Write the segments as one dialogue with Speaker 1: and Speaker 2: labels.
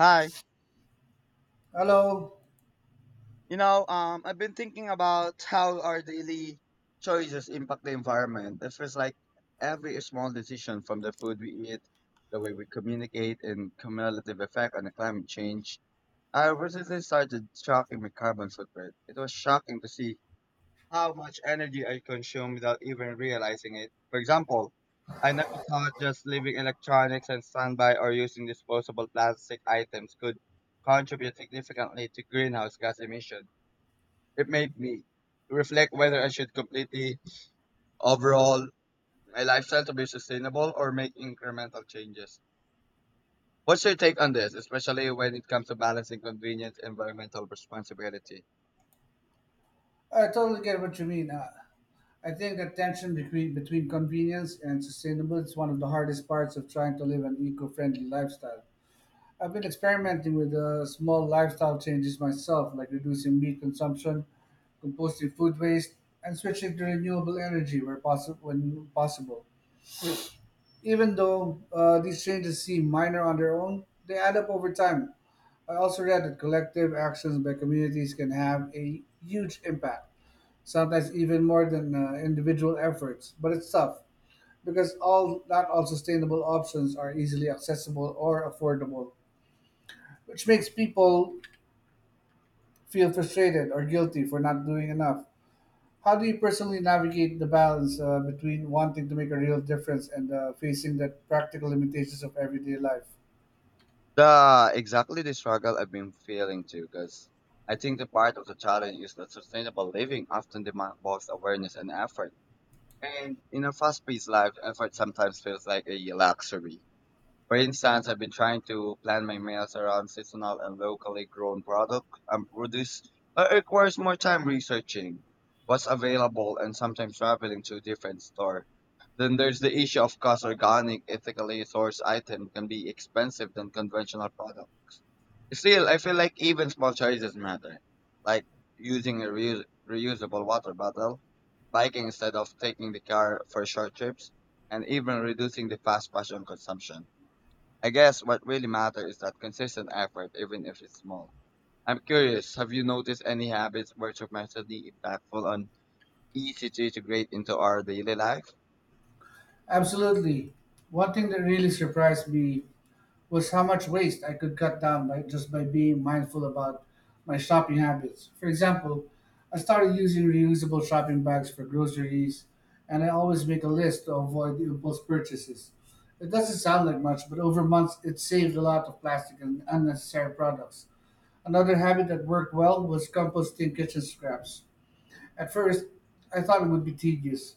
Speaker 1: Hi.
Speaker 2: Hello.
Speaker 1: I've been thinking about how our daily choices impact the environment. It feels like every small decision from the food we eat, the way we communicate, and cumulative effect on the climate change. I recently started tracking my carbon footprint. It was shocking to see how much energy I consume without even realizing it. For example, I never thought just leaving electronics and standby or using disposable plastic items could contribute significantly to greenhouse gas emissions. It made me reflect whether I should completely overhaul my lifestyle to be sustainable or make incremental changes. What's your take on this, especially when it comes to balancing convenience, and environmental responsibility?
Speaker 2: I totally get what you mean. I think the tension between convenience and sustainable is one of the hardest parts of trying to live an eco-friendly lifestyle. I've been experimenting with small lifestyle changes myself, like reducing meat consumption, composting food waste, and switching to renewable energy where possible when possible. Even though these changes seem minor on their own, they add up over time. I also read that collective actions by communities can have a huge impact sometimes even more than individual efforts. But it's tough because all not all sustainable options are easily accessible or affordable, which makes people feel frustrated or guilty for not doing enough. How do you personally navigate the balance between wanting to make a real difference and facing the practical limitations of everyday life?
Speaker 1: The exactly the struggle I've been feeling too, because I think the part of the challenge is that sustainable living often demands both awareness and effort. And in a fast-paced life, effort sometimes feels like a luxury. For instance, I've been trying to plan my meals around seasonal and locally grown product and produce, but it requires more time researching what's available and sometimes traveling to a different store. Then there's the issue of cost. Organic, ethically sourced item can be expensive than conventional product. Still, I feel like even small choices matter, like using a reusable water bottle, biking instead of taking the car for short trips, and even reducing the fast fashion consumption. I guess what really matters is that consistent effort, even if it's small. I'm curious, have you noticed any habits which are massively impactful on easy to integrate into our daily life?
Speaker 2: Absolutely. One thing that really surprised me was how much waste I could cut down by just by being mindful about my shopping habits. For example, I started using reusable shopping bags for groceries, and I always make a list to avoid impulse purchases. It doesn't sound like much, but over months it saved a lot of plastic and unnecessary products. Another habit that worked well was composting kitchen scraps. At first, I thought it would be tedious,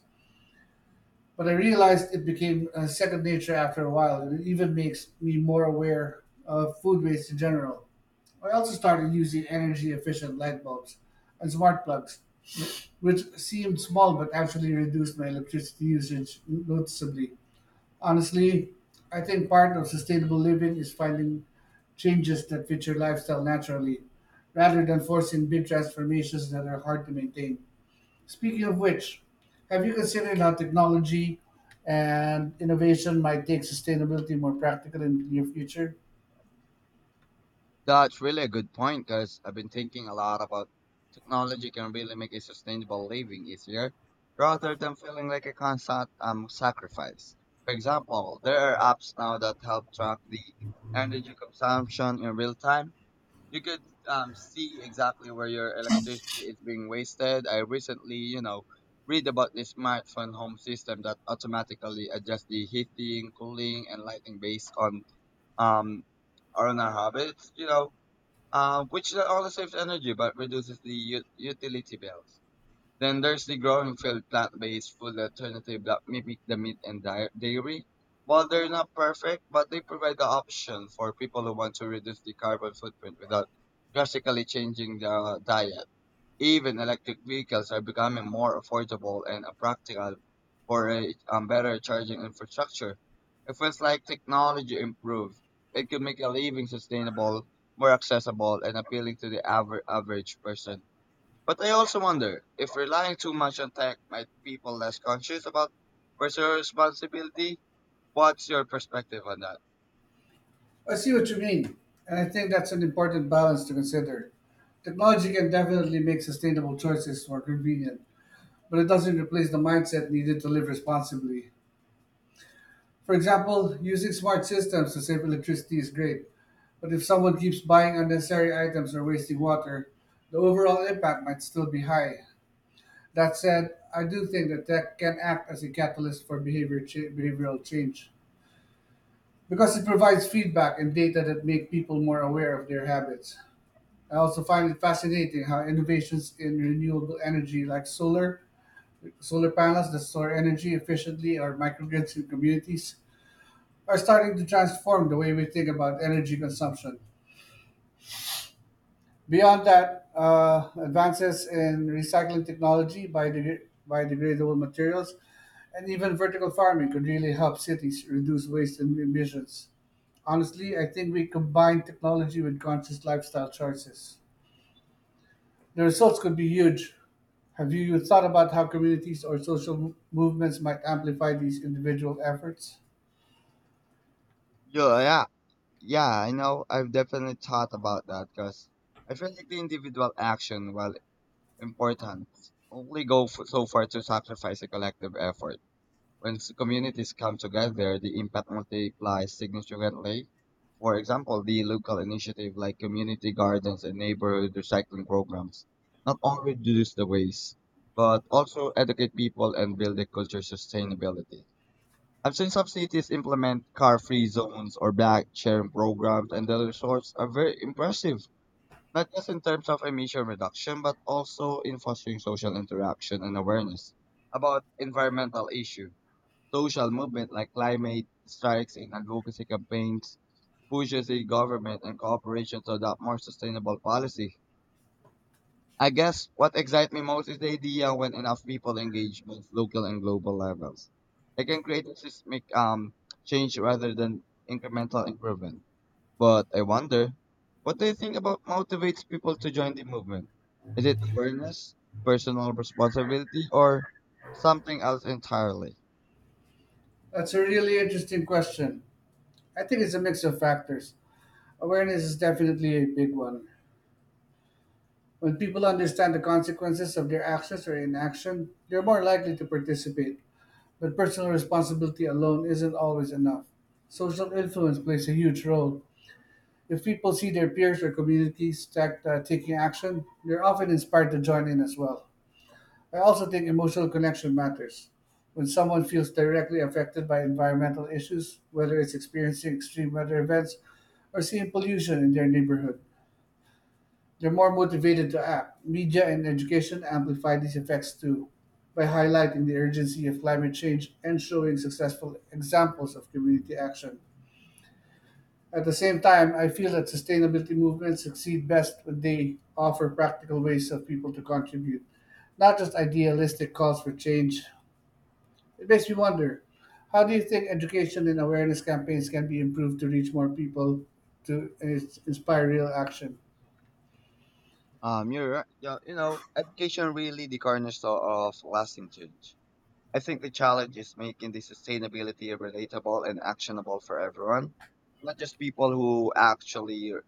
Speaker 2: but I realized it became second nature after a while, and it even makes me more aware of food waste in general. I also started using energy efficient light bulbs and smart plugs, which seemed small but actually reduced my electricity usage noticeably. Honestly, I think part of sustainable living is finding changes that fit your lifestyle naturally rather than forcing big transformations that are hard to maintain. Speaking of which, have you considered how technology and innovation might take sustainability more practical in the near future?
Speaker 1: That's really a good point because I've been thinking a lot about technology can really make a sustainable living easier rather than feeling like a constant sacrifice. For example, there are apps now that help track the energy consumption in real time you could see exactly where your electricity is being wasted. I recently, read about this smartphone home system that automatically adjusts the heating, cooling, and lighting based um on our habits. Which not only saves energy but reduces the utility bills. Then there's the growing field plant-based food alternative that mimic the meat and dairy. While they're not perfect, but they provide the option for people who want to reduce the carbon footprint without drastically changing their diet. Even electric vehicles are becoming more affordable and practical for a better charging infrastructure. It feels like technology improved. It could make a living sustainable, more accessible, and appealing to the average person. But I also wonder if relying too much on tech might people less conscious about personal responsibility. What's your perspective on that?
Speaker 2: I see what you mean, and I think that's an important balance to consider. Technology can definitely make sustainable choices more convenient, but it doesn't replace the mindset needed to live responsibly. For example, using smart systems to save electricity is great, but if someone keeps buying unnecessary items or wasting water, the overall impact might still be high. That said, I do think that tech can act as a catalyst for behavioral change because it provides feedback and data that make people more aware of their habits. I also find it fascinating how innovations in renewable energy like solar panels that store energy efficiently or microgrids in communities are starting to transform the way we think about energy consumption. Beyond that, advances in recycling technology, biodegradable materials, and even vertical farming could really help cities reduce waste and emissions. Honestly, I think we combine technology with conscious lifestyle choices. The results could be huge. Have you thought about how communities or social movements might amplify these individual efforts?
Speaker 1: Yeah, yeah, yeah. I know. I've definitely thought about that because I feel like the individual action, while important, only go f so far to sacrifice a collective effort. When communities come together, the impact multiplies significantly. For example, the local initiative like community gardens and neighborhood recycling programs not only reduce the waste, but also educate people and build a culture of sustainability. I've seen some cities implement car-free zones or bike sharing programs, and the results are very impressive, not just in terms of emission reduction, but also in fostering social interaction and awareness about environmental issues. Social movements like climate strikes and advocacy campaigns pushes the government and corporations to adopt more sustainable policy. I guess what excites me most is the idea when enough people engage both local and global levels. They can create a systemic change rather than incremental improvement. But I wonder, what do you think about motivates people to join the movement? Is it awareness, personal responsibility, or something else entirely?
Speaker 2: That's a really interesting question. I think it's a mix of factors. Awareness is definitely a big one. When people understand the consequences of their actions or inaction, they're more likely to participate. But personal responsibility alone isn't always enough. Social influence plays a huge role. If people see their peers or communities taking action, they're often inspired to join in as well. I also think emotional connection matters. When someone feels directly affected by environmental issues, whether it's experiencing extreme weather events or seeing pollution in their neighborhood, they're more motivated to act. Media and education amplify these effects too, by highlighting the urgency of climate change and showing successful examples of community action. At the same time, I feel that sustainability movements succeed best when they offer practical ways of people to contribute, not just idealistic calls for change. It makes me wonder, how do you think education and awareness campaigns can be improved to reach more people to inspire real action?
Speaker 1: You're right. Yeah, education really the cornerstone of lasting change. I think the challenge is making the sustainability relatable and actionable for everyone, not just people who actually are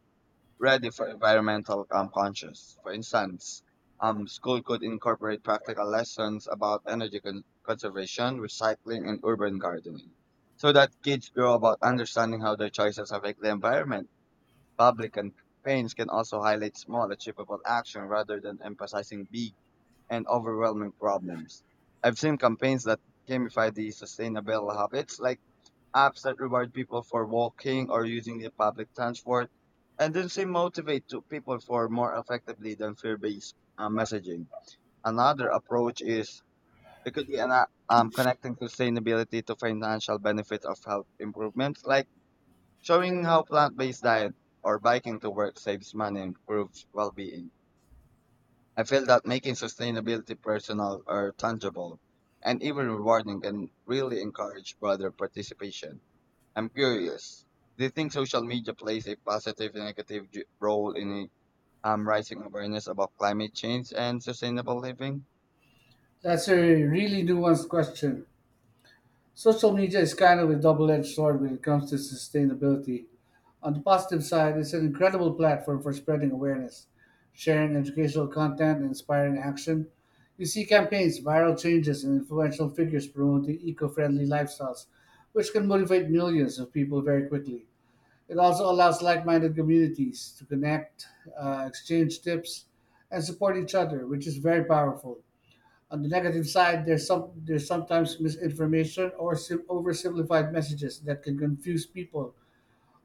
Speaker 1: ready for environmental conscious. For instance, school could incorporate practical lessons about energy conservation, recycling, and urban gardening, so that kids grow about understanding how their choices affect the environment. Public campaigns can also highlight small, achievable action rather than emphasizing big and overwhelming problems. I've seen campaigns that gamify the sustainable habits, like apps that reward people for walking or using the public transport, and then say motivate to people for more effectively than fear-based messaging. Another approach is it could be connecting sustainability to financial benefits of health improvements, like showing how plant-based diet or biking to work saves money and improves well-being. I feel that making sustainability personal or tangible and even rewarding can really encourage broader participation. I'm curious, do you think social media plays a positive and negative role in rising awareness about climate change and sustainable living?
Speaker 2: That's a really nuanced question. Social media is kind of a double-edged sword when it comes to sustainability. On the positive side, it's an incredible platform for spreading awareness, sharing educational content, and inspiring action. You see campaigns, viral changes, and influential figures promoting eco friendly lifestyles, which can motivate millions of people very quickly. It also allows like minded communities to connect, exchange tips, and support each other, which is very powerful. On the negative side, there's sometimes misinformation or oversimplified messages that can confuse people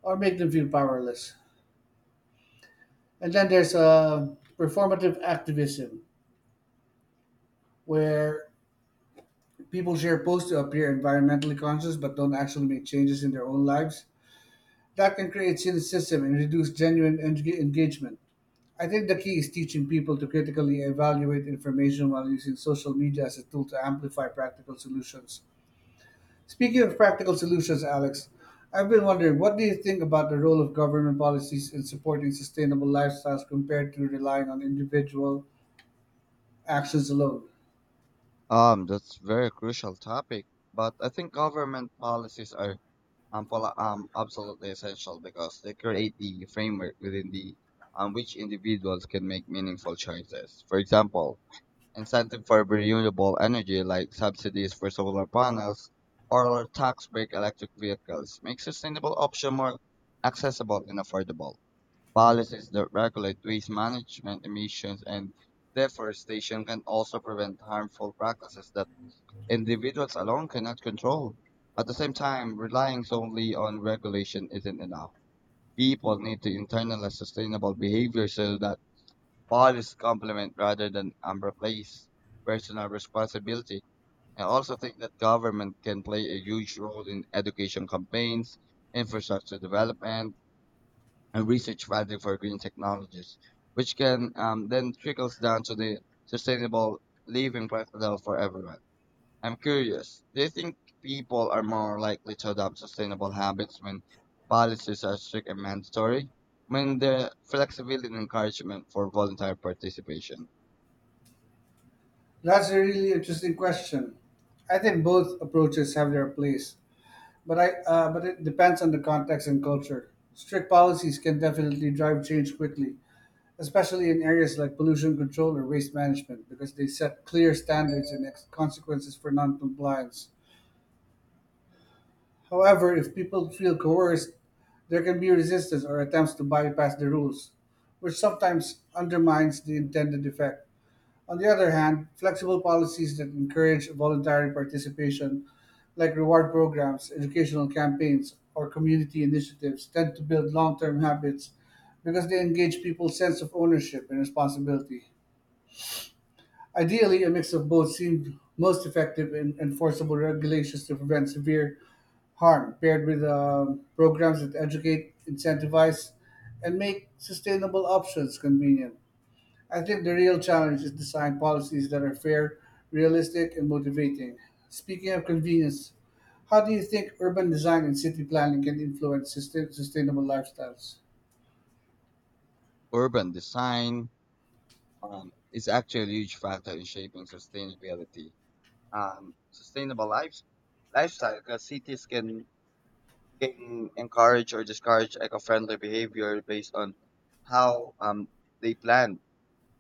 Speaker 2: or make them feel powerless. And then there's performative activism, where people share posts to appear environmentally conscious but don't actually make changes in their own lives. That can create cynicism and reduce genuine engagement. I think the key is teaching people to critically evaluate information while using social media as a tool to amplify practical solutions. Speaking of practical solutions, Alex, I've been wondering, what do you think about the role of government policies in supporting sustainable lifestyles compared to relying on individual actions alone?
Speaker 1: That's very crucial topic, but I think government policies are absolutely essential because they create the framework within the which individuals can make meaningful choices. For example, incentive for renewable energy like subsidies for solar panels or tax break electric vehicles make sustainable option more accessible and affordable. Policies that regulate waste management emissions and deforestation can also prevent harmful practices that individuals alone cannot control. At the same time, relying solely on regulation isn't enough. People need to internalize sustainable behavior so that policies complement rather than replace personal responsibility. I also think that government can play a huge role in education campaigns, infrastructure development, and research funding for green technologies, which can then trickles down to the sustainable living practical for everyone. I'm curious, do you think people are more likely to adopt sustainable habits when policies are strict and mandatory? When the flexibility and encouragement for voluntary participation,
Speaker 2: That's a really interesting question. I think both approaches have their place, but I but it depends on the context and culture. Strict policies can definitely drive change quickly, especially in areas like pollution control or waste management, because they set clear standards and consequences for non-compliance. However, if people feel coerced, there can be resistance or attempts to bypass the rules, which sometimes undermines the intended effect. On the other hand, flexible policies that encourage voluntary participation, like reward programs, educational campaigns, or community initiatives, tend to build long term habits because they engage people's sense of ownership and responsibility. Ideally, a mix of both seemed most effective in enforceable regulations to prevent severe harm, paired with programs that educate, incentivize, and make sustainable options convenient. I think the real challenge is design policies that are fair, realistic, and motivating. Speaking of convenience, how do you think urban design and city planning can influence sustainable lifestyles?
Speaker 1: urban design is actually a huge factor in shaping sustainability. Sustainable lives, lifestyle, because cities can encourage or discourage eco friendly behavior based on how they plan.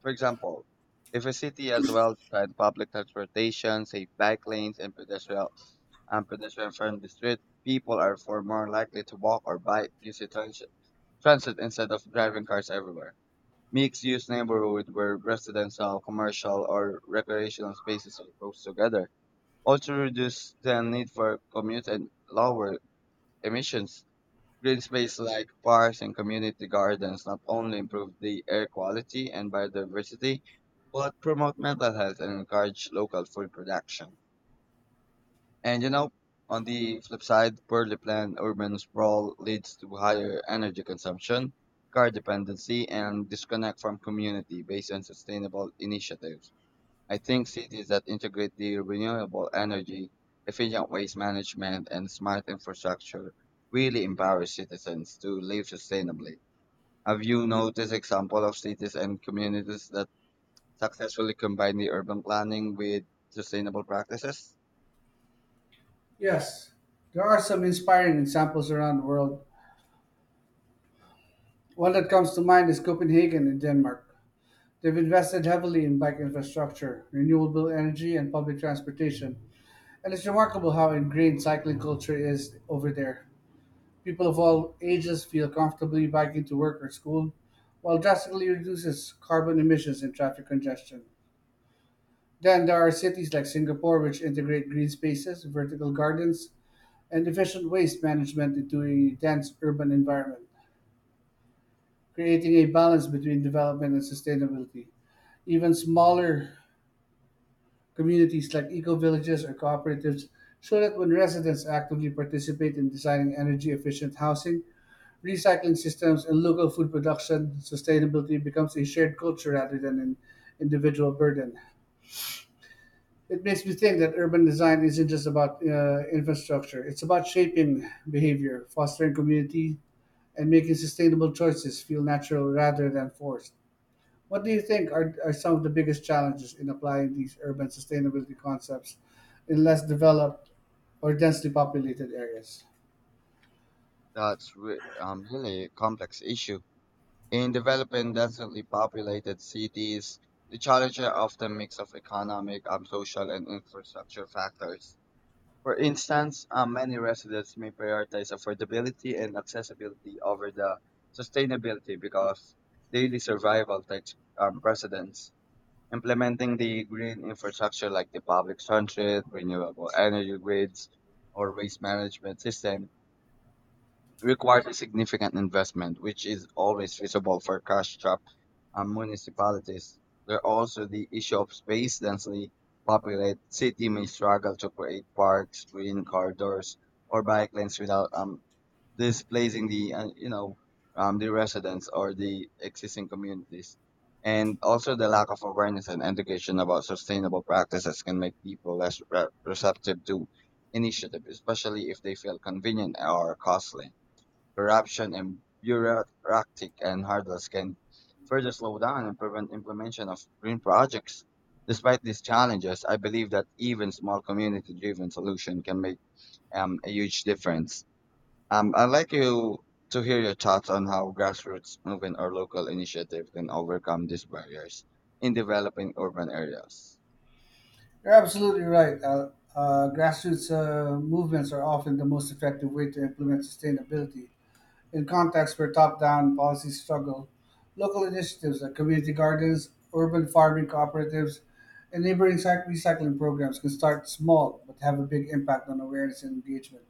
Speaker 1: For example, if a city has well-defined public transportation, safe bike lanes, and pedestrian and pedestrian-friendly street, people are far more likely to walk or bike using transit instead of driving cars everywhere. Mixed-use neighborhood where residential, commercial, or recreational spaces are close together also reduce the need for commute and lower emissions. Green space like parks and community gardens not only improve the air quality and biodiversity, but promote mental health and encourage local food production. And on the flip side, poorly planned urban sprawl leads to higher energy consumption, car dependency, and disconnect from community based on sustainable initiatives. I think cities that integrate the renewable energy, efficient waste management, and smart infrastructure really empower citizens to live sustainably. Have you noticed example of cities and communities that successfully combine the urban planning with sustainable practices?
Speaker 2: Yes, there are some inspiring examples around the world. One that comes to mind is Copenhagen in Denmark. They've invested heavily in bike infrastructure, renewable energy, and public transportation, and it's remarkable how ingrained cycling culture is over there. People of all ages feel comfortably biking to work or school, while drastically reduces carbon emissions and traffic congestion. Then there are cities like Singapore, which integrate green spaces, vertical gardens, and efficient waste management into a dense urban environment, creating a balance between development and sustainability. Even smaller communities like eco villages or cooperatives so that when residents actively participate in designing energy efficient housing, recycling systems, and local food production, sustainability becomes a shared culture rather than an individual burden. It makes me think that urban design isn't just about infrastructure, it's about shaping behavior, fostering community, and making sustainable choices feel natural rather than forced. What do you think are, some of the biggest challenges in applying these urban sustainability concepts in less developed or densely populated areas?
Speaker 1: Really a complex issue. In developing densely populated cities, the challenges are often mix of economic, social, and infrastructure factors. For instance, many residents may prioritize affordability and accessibility over the sustainability because daily survival takes precedence. Implementing the green infrastructure like the public transit, renewable energy grids, or waste management system requires a significant investment, which is always feasible for cash-strapped municipalities. There are also the issue of space densely populated city may struggle to create parks, green corridors, or bike lanes without displacing the the residents or the existing communities. And also the lack of awareness and education about sustainable practices can make people less receptive to initiative, especially if they feel convenient or costly. Corruption and bureaucratic and hurdles can further slow down and prevent implementation of green projects. Despite these challenges, I believe that even small community-driven solution can make a huge difference. I'd like you to hear your thoughts on how grassroots movement or local initiative can overcome these barriers in developing urban areas.
Speaker 2: You're absolutely right. Grassroots movements are often the most effective way to implement sustainability. In contexts where top down policies struggle, local initiatives like community gardens, urban farming cooperatives, and neighboring recycling programs can start small but have a big impact on awareness and engagement.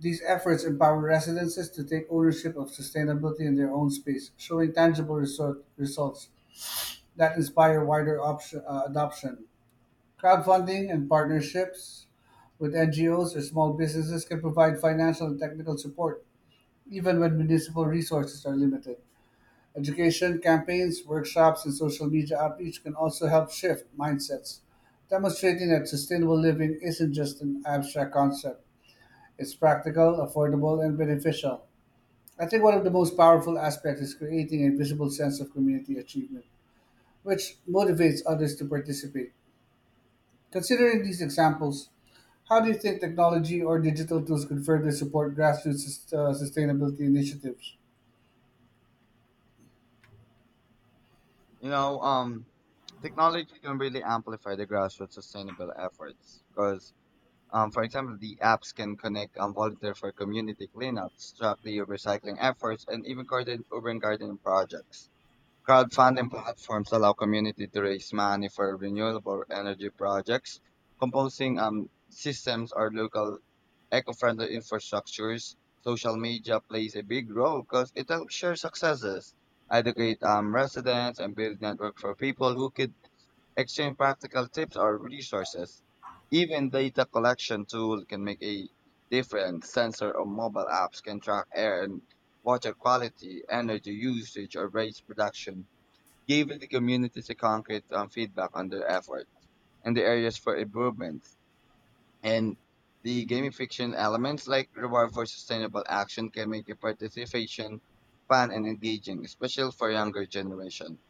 Speaker 2: These efforts empower residences to take ownership of sustainability in their own space, showing results that inspire wider adoption. Crowdfunding and partnerships with NGOs or small businesses can provide financial and technical support, even when municipal resources are limited. Education campaigns, workshops, and social media outreach can also help shift mindsets, demonstrating that sustainable living isn't just an abstract concept. It's practical, affordable, and beneficial. I think one of the most powerful aspects is creating a visible sense of community achievement, which motivates others to participate. Considering these examples, how do you think technology or digital tools can further support grassroots sustainability initiatives?
Speaker 1: You know, um, Technology can really amplify the grassroots sustainable efforts because for example, the apps can connect volunteer for community cleanups, track the recycling efforts, and even coordinate urban gardening projects. Crowdfunding platforms allow community to raise money for renewable energy projects, composing systems or local eco-friendly infrastructures. Social media plays a big role because it helps share successes, educate residents, and build network for people who could exchange practical tips or resources. Even data collection tool can make a difference. Sensor or mobile apps can track air and water quality, energy usage, or waste production, giving the communities a concrete feedback on their effort and the areas for improvement. And the gamification elements like reward for sustainable action can make the participation fun and engaging, especially for younger generation.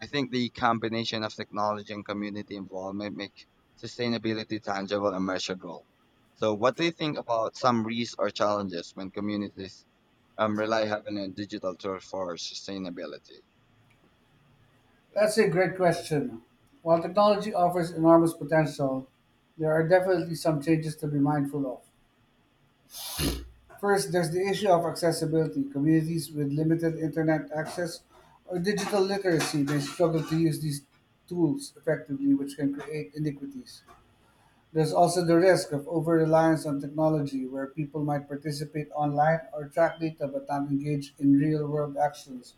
Speaker 1: I think the combination of technology and community involvement make sustainability tangible and measurable. So, what do you think about some risks or challenges when communities rely heavily on digital tools for sustainability?
Speaker 2: That's a great question. While technology offers enormous potential, there are definitely some changes to be mindful of. First, there's the issue of accessibility. Communities with limited internet access or digital literacy may struggle to use these tools effectively, which can create iniquities. There's also the risk of over reliance on technology, where people might participate online or track data but not engage in real world actions.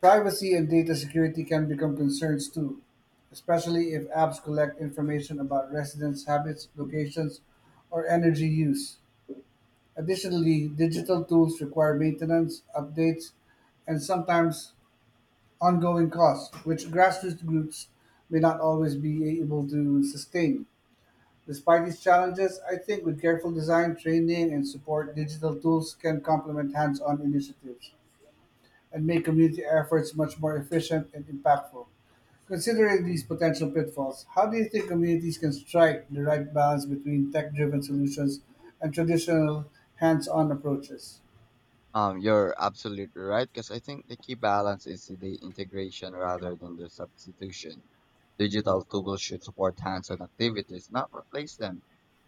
Speaker 2: Privacy and data security can become concerns too, especially if apps collect information about residents' habits, locations, or energy use. Additionally, digital tools require maintenance, updates, and sometimes ongoing costs, which grassroots groups may not always be able to sustain. Despite these challenges, I think with careful design, training, and support, digital tools can complement hands on initiatives and make community efforts much more efficient and impactful. Considering these potential pitfalls, how do you think communities can strike the right balance between tech driven solutions and traditional hands on approaches?
Speaker 1: You're absolutely right, because I think the key balance is the integration rather than the substitution. Digital tools should support hands-on activities, not replace them.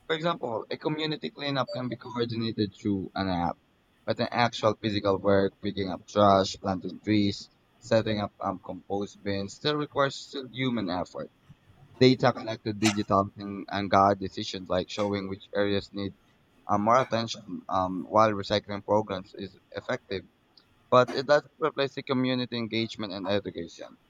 Speaker 1: For example, a community cleanup can be coordinated through an app, but an actual physical work, picking up trash, planting trees, setting up compost bins, still requires still human effort. Data collected digital and guide decisions like showing which areas need more attention while recycling programs is effective, but it doesn't replace the community engagement and education.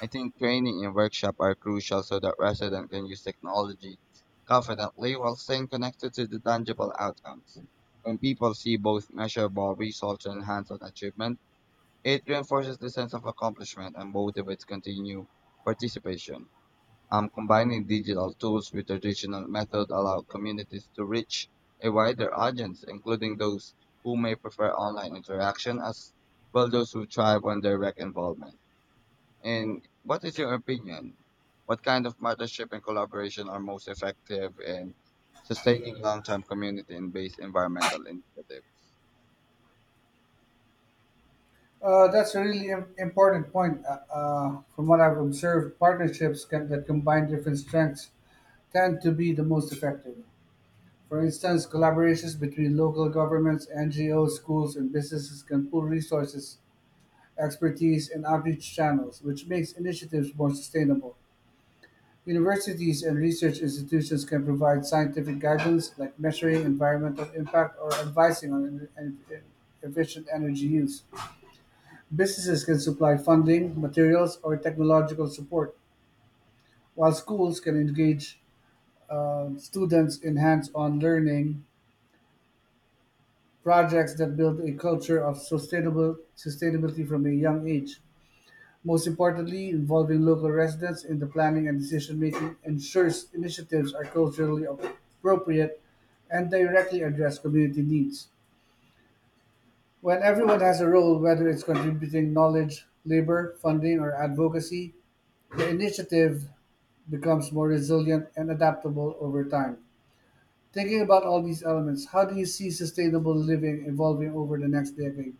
Speaker 1: I think training and workshop are crucial so that residents can use technology confidently while staying connected to the tangible outcomes. When people see both measurable results and hands-on achievement, it reinforces the sense of accomplishment and motivates continued participation. Combining digital tools with traditional methods allow communities to reach a wider audience, including those who may prefer online interaction as well those who thrive on direct involvement. And what is your opinion? What kind of partnership and collaboration are most effective in sustaining long-term community and based environmental initiatives?
Speaker 2: That's a really important point. From what I've observed, that combine different strengths tend to be the most effective. For instance, collaborations between local governments, NGOs, schools, and businesses can pool resources, expertise, and outreach channels, which makes initiatives more sustainable. Universities and research institutions can provide scientific guidance, like measuring environmental impact or advising on en- en- efficient energy use. Businesses can supply funding, materials, or technological support, while schools can engage students in hands-on learning projects that build a culture of sustainable sustainability from a young age. Most importantly, involving local residents in the planning and decision making ensures initiatives are culturally appropriate and directly address community needs. When everyone has a role, whether it's contributing knowledge, labor, funding, or advocacy, the initiative becomes more resilient and adaptable over time. Thinking about all these elements, how do you see sustainable living evolving over the next decade,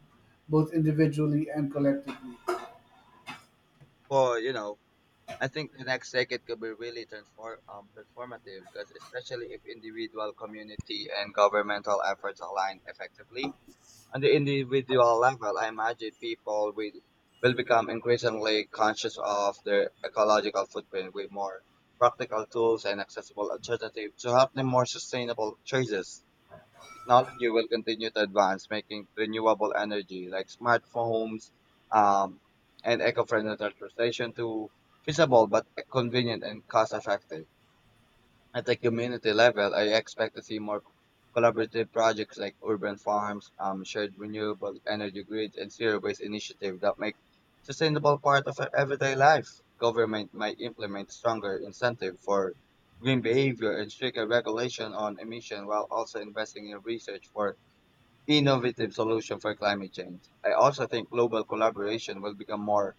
Speaker 2: both individually and collectively?
Speaker 1: Well, you know, I think the next decade could be really transformative because especially if individual, community, and governmental efforts align effectively. On the individual level, I imagine will become increasingly conscious of their ecological footprint with more practical tools and accessible alternatives to help them more sustainable choices. Technology will continue to advance, making renewable energy like smart homes um, and eco-friendly transportation to feasible but convenient and cost-effective. At the community level, I expect to see more collaborative projects like urban farms, shared renewable energy grids, and zero waste initiative that make sustainable part of our everyday life. Government might implement stronger incentive for green behavior and stricter regulation on emission while also investing in research for innovative solution for climate change. I also think global collaboration will become more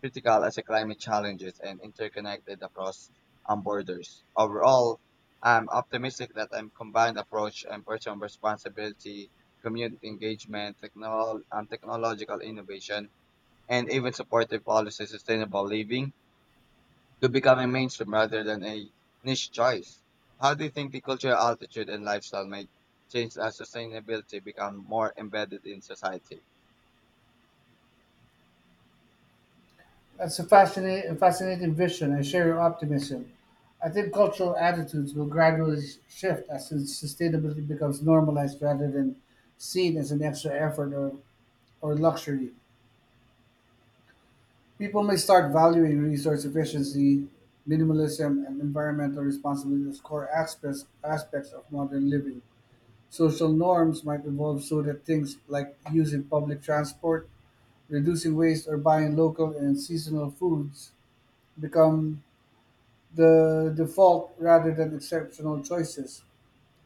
Speaker 1: critical as the climate challenges and interconnected across borders. Overall, I'm optimistic that a combined approach and personal responsibility, community engagement, technological innovation, and even supportive policy sustainable living to becoming mainstream rather than a niche choice. How do you think the cultural altitude and lifestyle may change as sustainability become more embedded in society?
Speaker 2: That's a fascinating vision. I share your optimism. I think cultural attitudes will gradually shift as sustainability becomes normalized rather than seen as an extra effort or luxury. People may start valuing resource efficiency, minimalism, and environmental responsibility as core aspects of modern living. Social norms might evolve so that things like using public transport, reducing waste, or buying local and seasonal foods become the default rather than exceptional choices.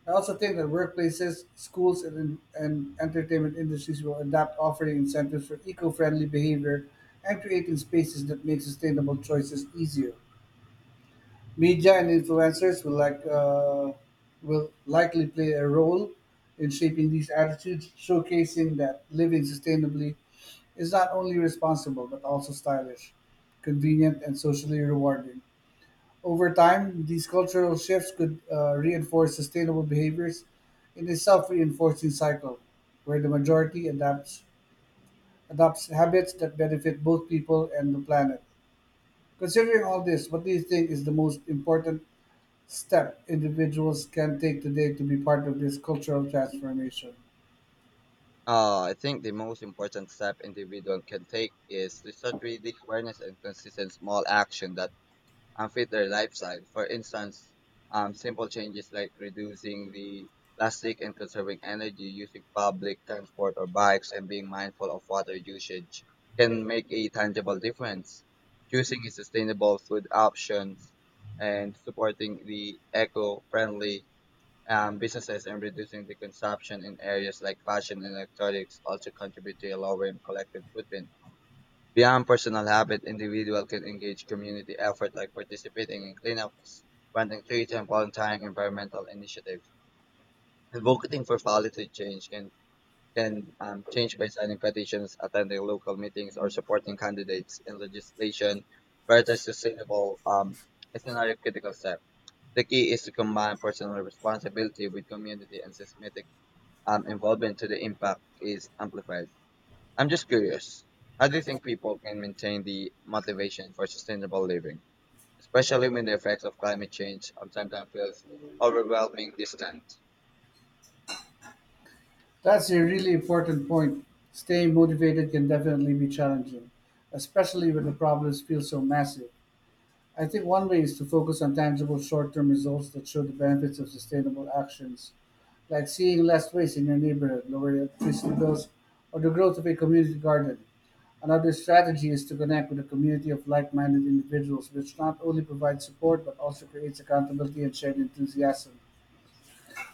Speaker 2: I also think that workplaces, schools, and entertainment industries will adapt offering incentives for eco-friendly behavior and creating spaces that make sustainable choices easier. Media and influencers will likely play a role in shaping these attitudes, showcasing that living sustainably is not only responsible but also stylish, convenient, and socially rewarding. Over time, these cultural shifts could reinforce sustainable behaviors in a self-reinforcing cycle, where the majority adapts adopts habits that benefit both people and the planet. Considering all this, what do you think is the most important step individuals can take today to be part of this cultural transformation?
Speaker 1: I think the most important step individual can take is to start with the awareness and consistent small action that and fit their lifestyle. For instance, simple changes like reducing the plastic and conserving energy, using public transport or bikes, and being mindful of water usage can make a tangible difference. Choosing a sustainable food options and supporting the eco-friendly businesses and reducing the consumption in areas like fashion and electronics also contribute to a lower collective footprint. Beyond personal habit, individual can engage community effort like participating in cleanups, planting trees, and volunteering environmental initiatives. Advocating for policy change can change by signing petitions, attending local meetings, or supporting candidates in legislation where the sustainable is another critical step. The key is to combine personal responsibility with community and systematic involvement so the impact is amplified. I'm just curious. How do you think people can maintain the motivation for sustainable living, especially when the effects of climate change sometimes feels overwhelming distant?
Speaker 2: That's a really important point. Staying motivated can definitely be challenging, especially when the problems feel so massive. I think one way is to focus on tangible short term results that show the benefits of sustainable actions, like seeing less waste in your neighborhood, lower electricity bills, or the growth of a community garden. Another strategy is to connect with a community of like minded individuals, which not only provides support but also creates accountability and shared enthusiasm.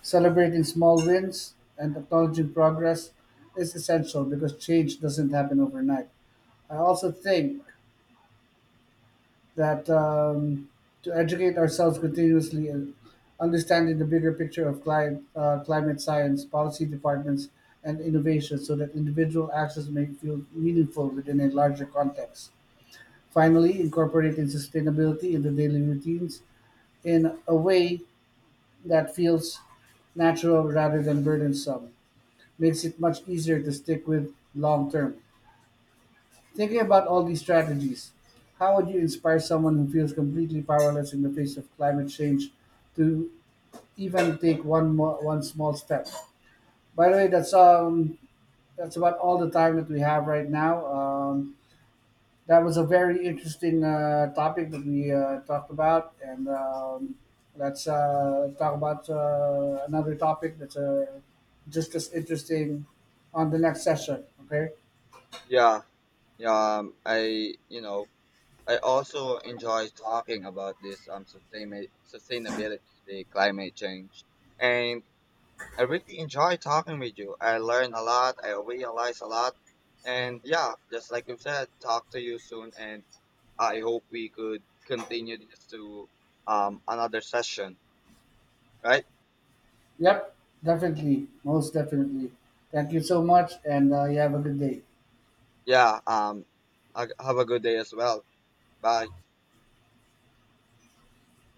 Speaker 2: Celebrating small wins and acknowledging progress is essential because change doesn't happen overnight. I also think that to educate ourselves continuously and understanding the bigger picture of climate science, policy departments, and innovation so that individual actions may feel meaningful within a larger context. Finally, incorporating sustainability in the daily routines in a way that feels natural rather than burdensome makes it much easier to stick with long term. Thinking about all these strategies, how would you inspire someone who feels completely powerless in the face of climate change to even take one small step? By the way, that's about all the time that we have right now. That was a very interesting topic that we talked about, and let's talk about another topic that's just as interesting on the next session. Okay.
Speaker 1: Yeah, yeah. I I also enjoy talking about this sustainability, the climate change, and I really enjoy talking with you. I learn a lot. I realize a lot, and yeah, just like you said, talk to you soon and I hope we could continue this to another session, right?
Speaker 2: Yep, definitely. Most definitely. Thank you so much, and you have a good day.
Speaker 1: Yeah. Have a good day as well. Bye.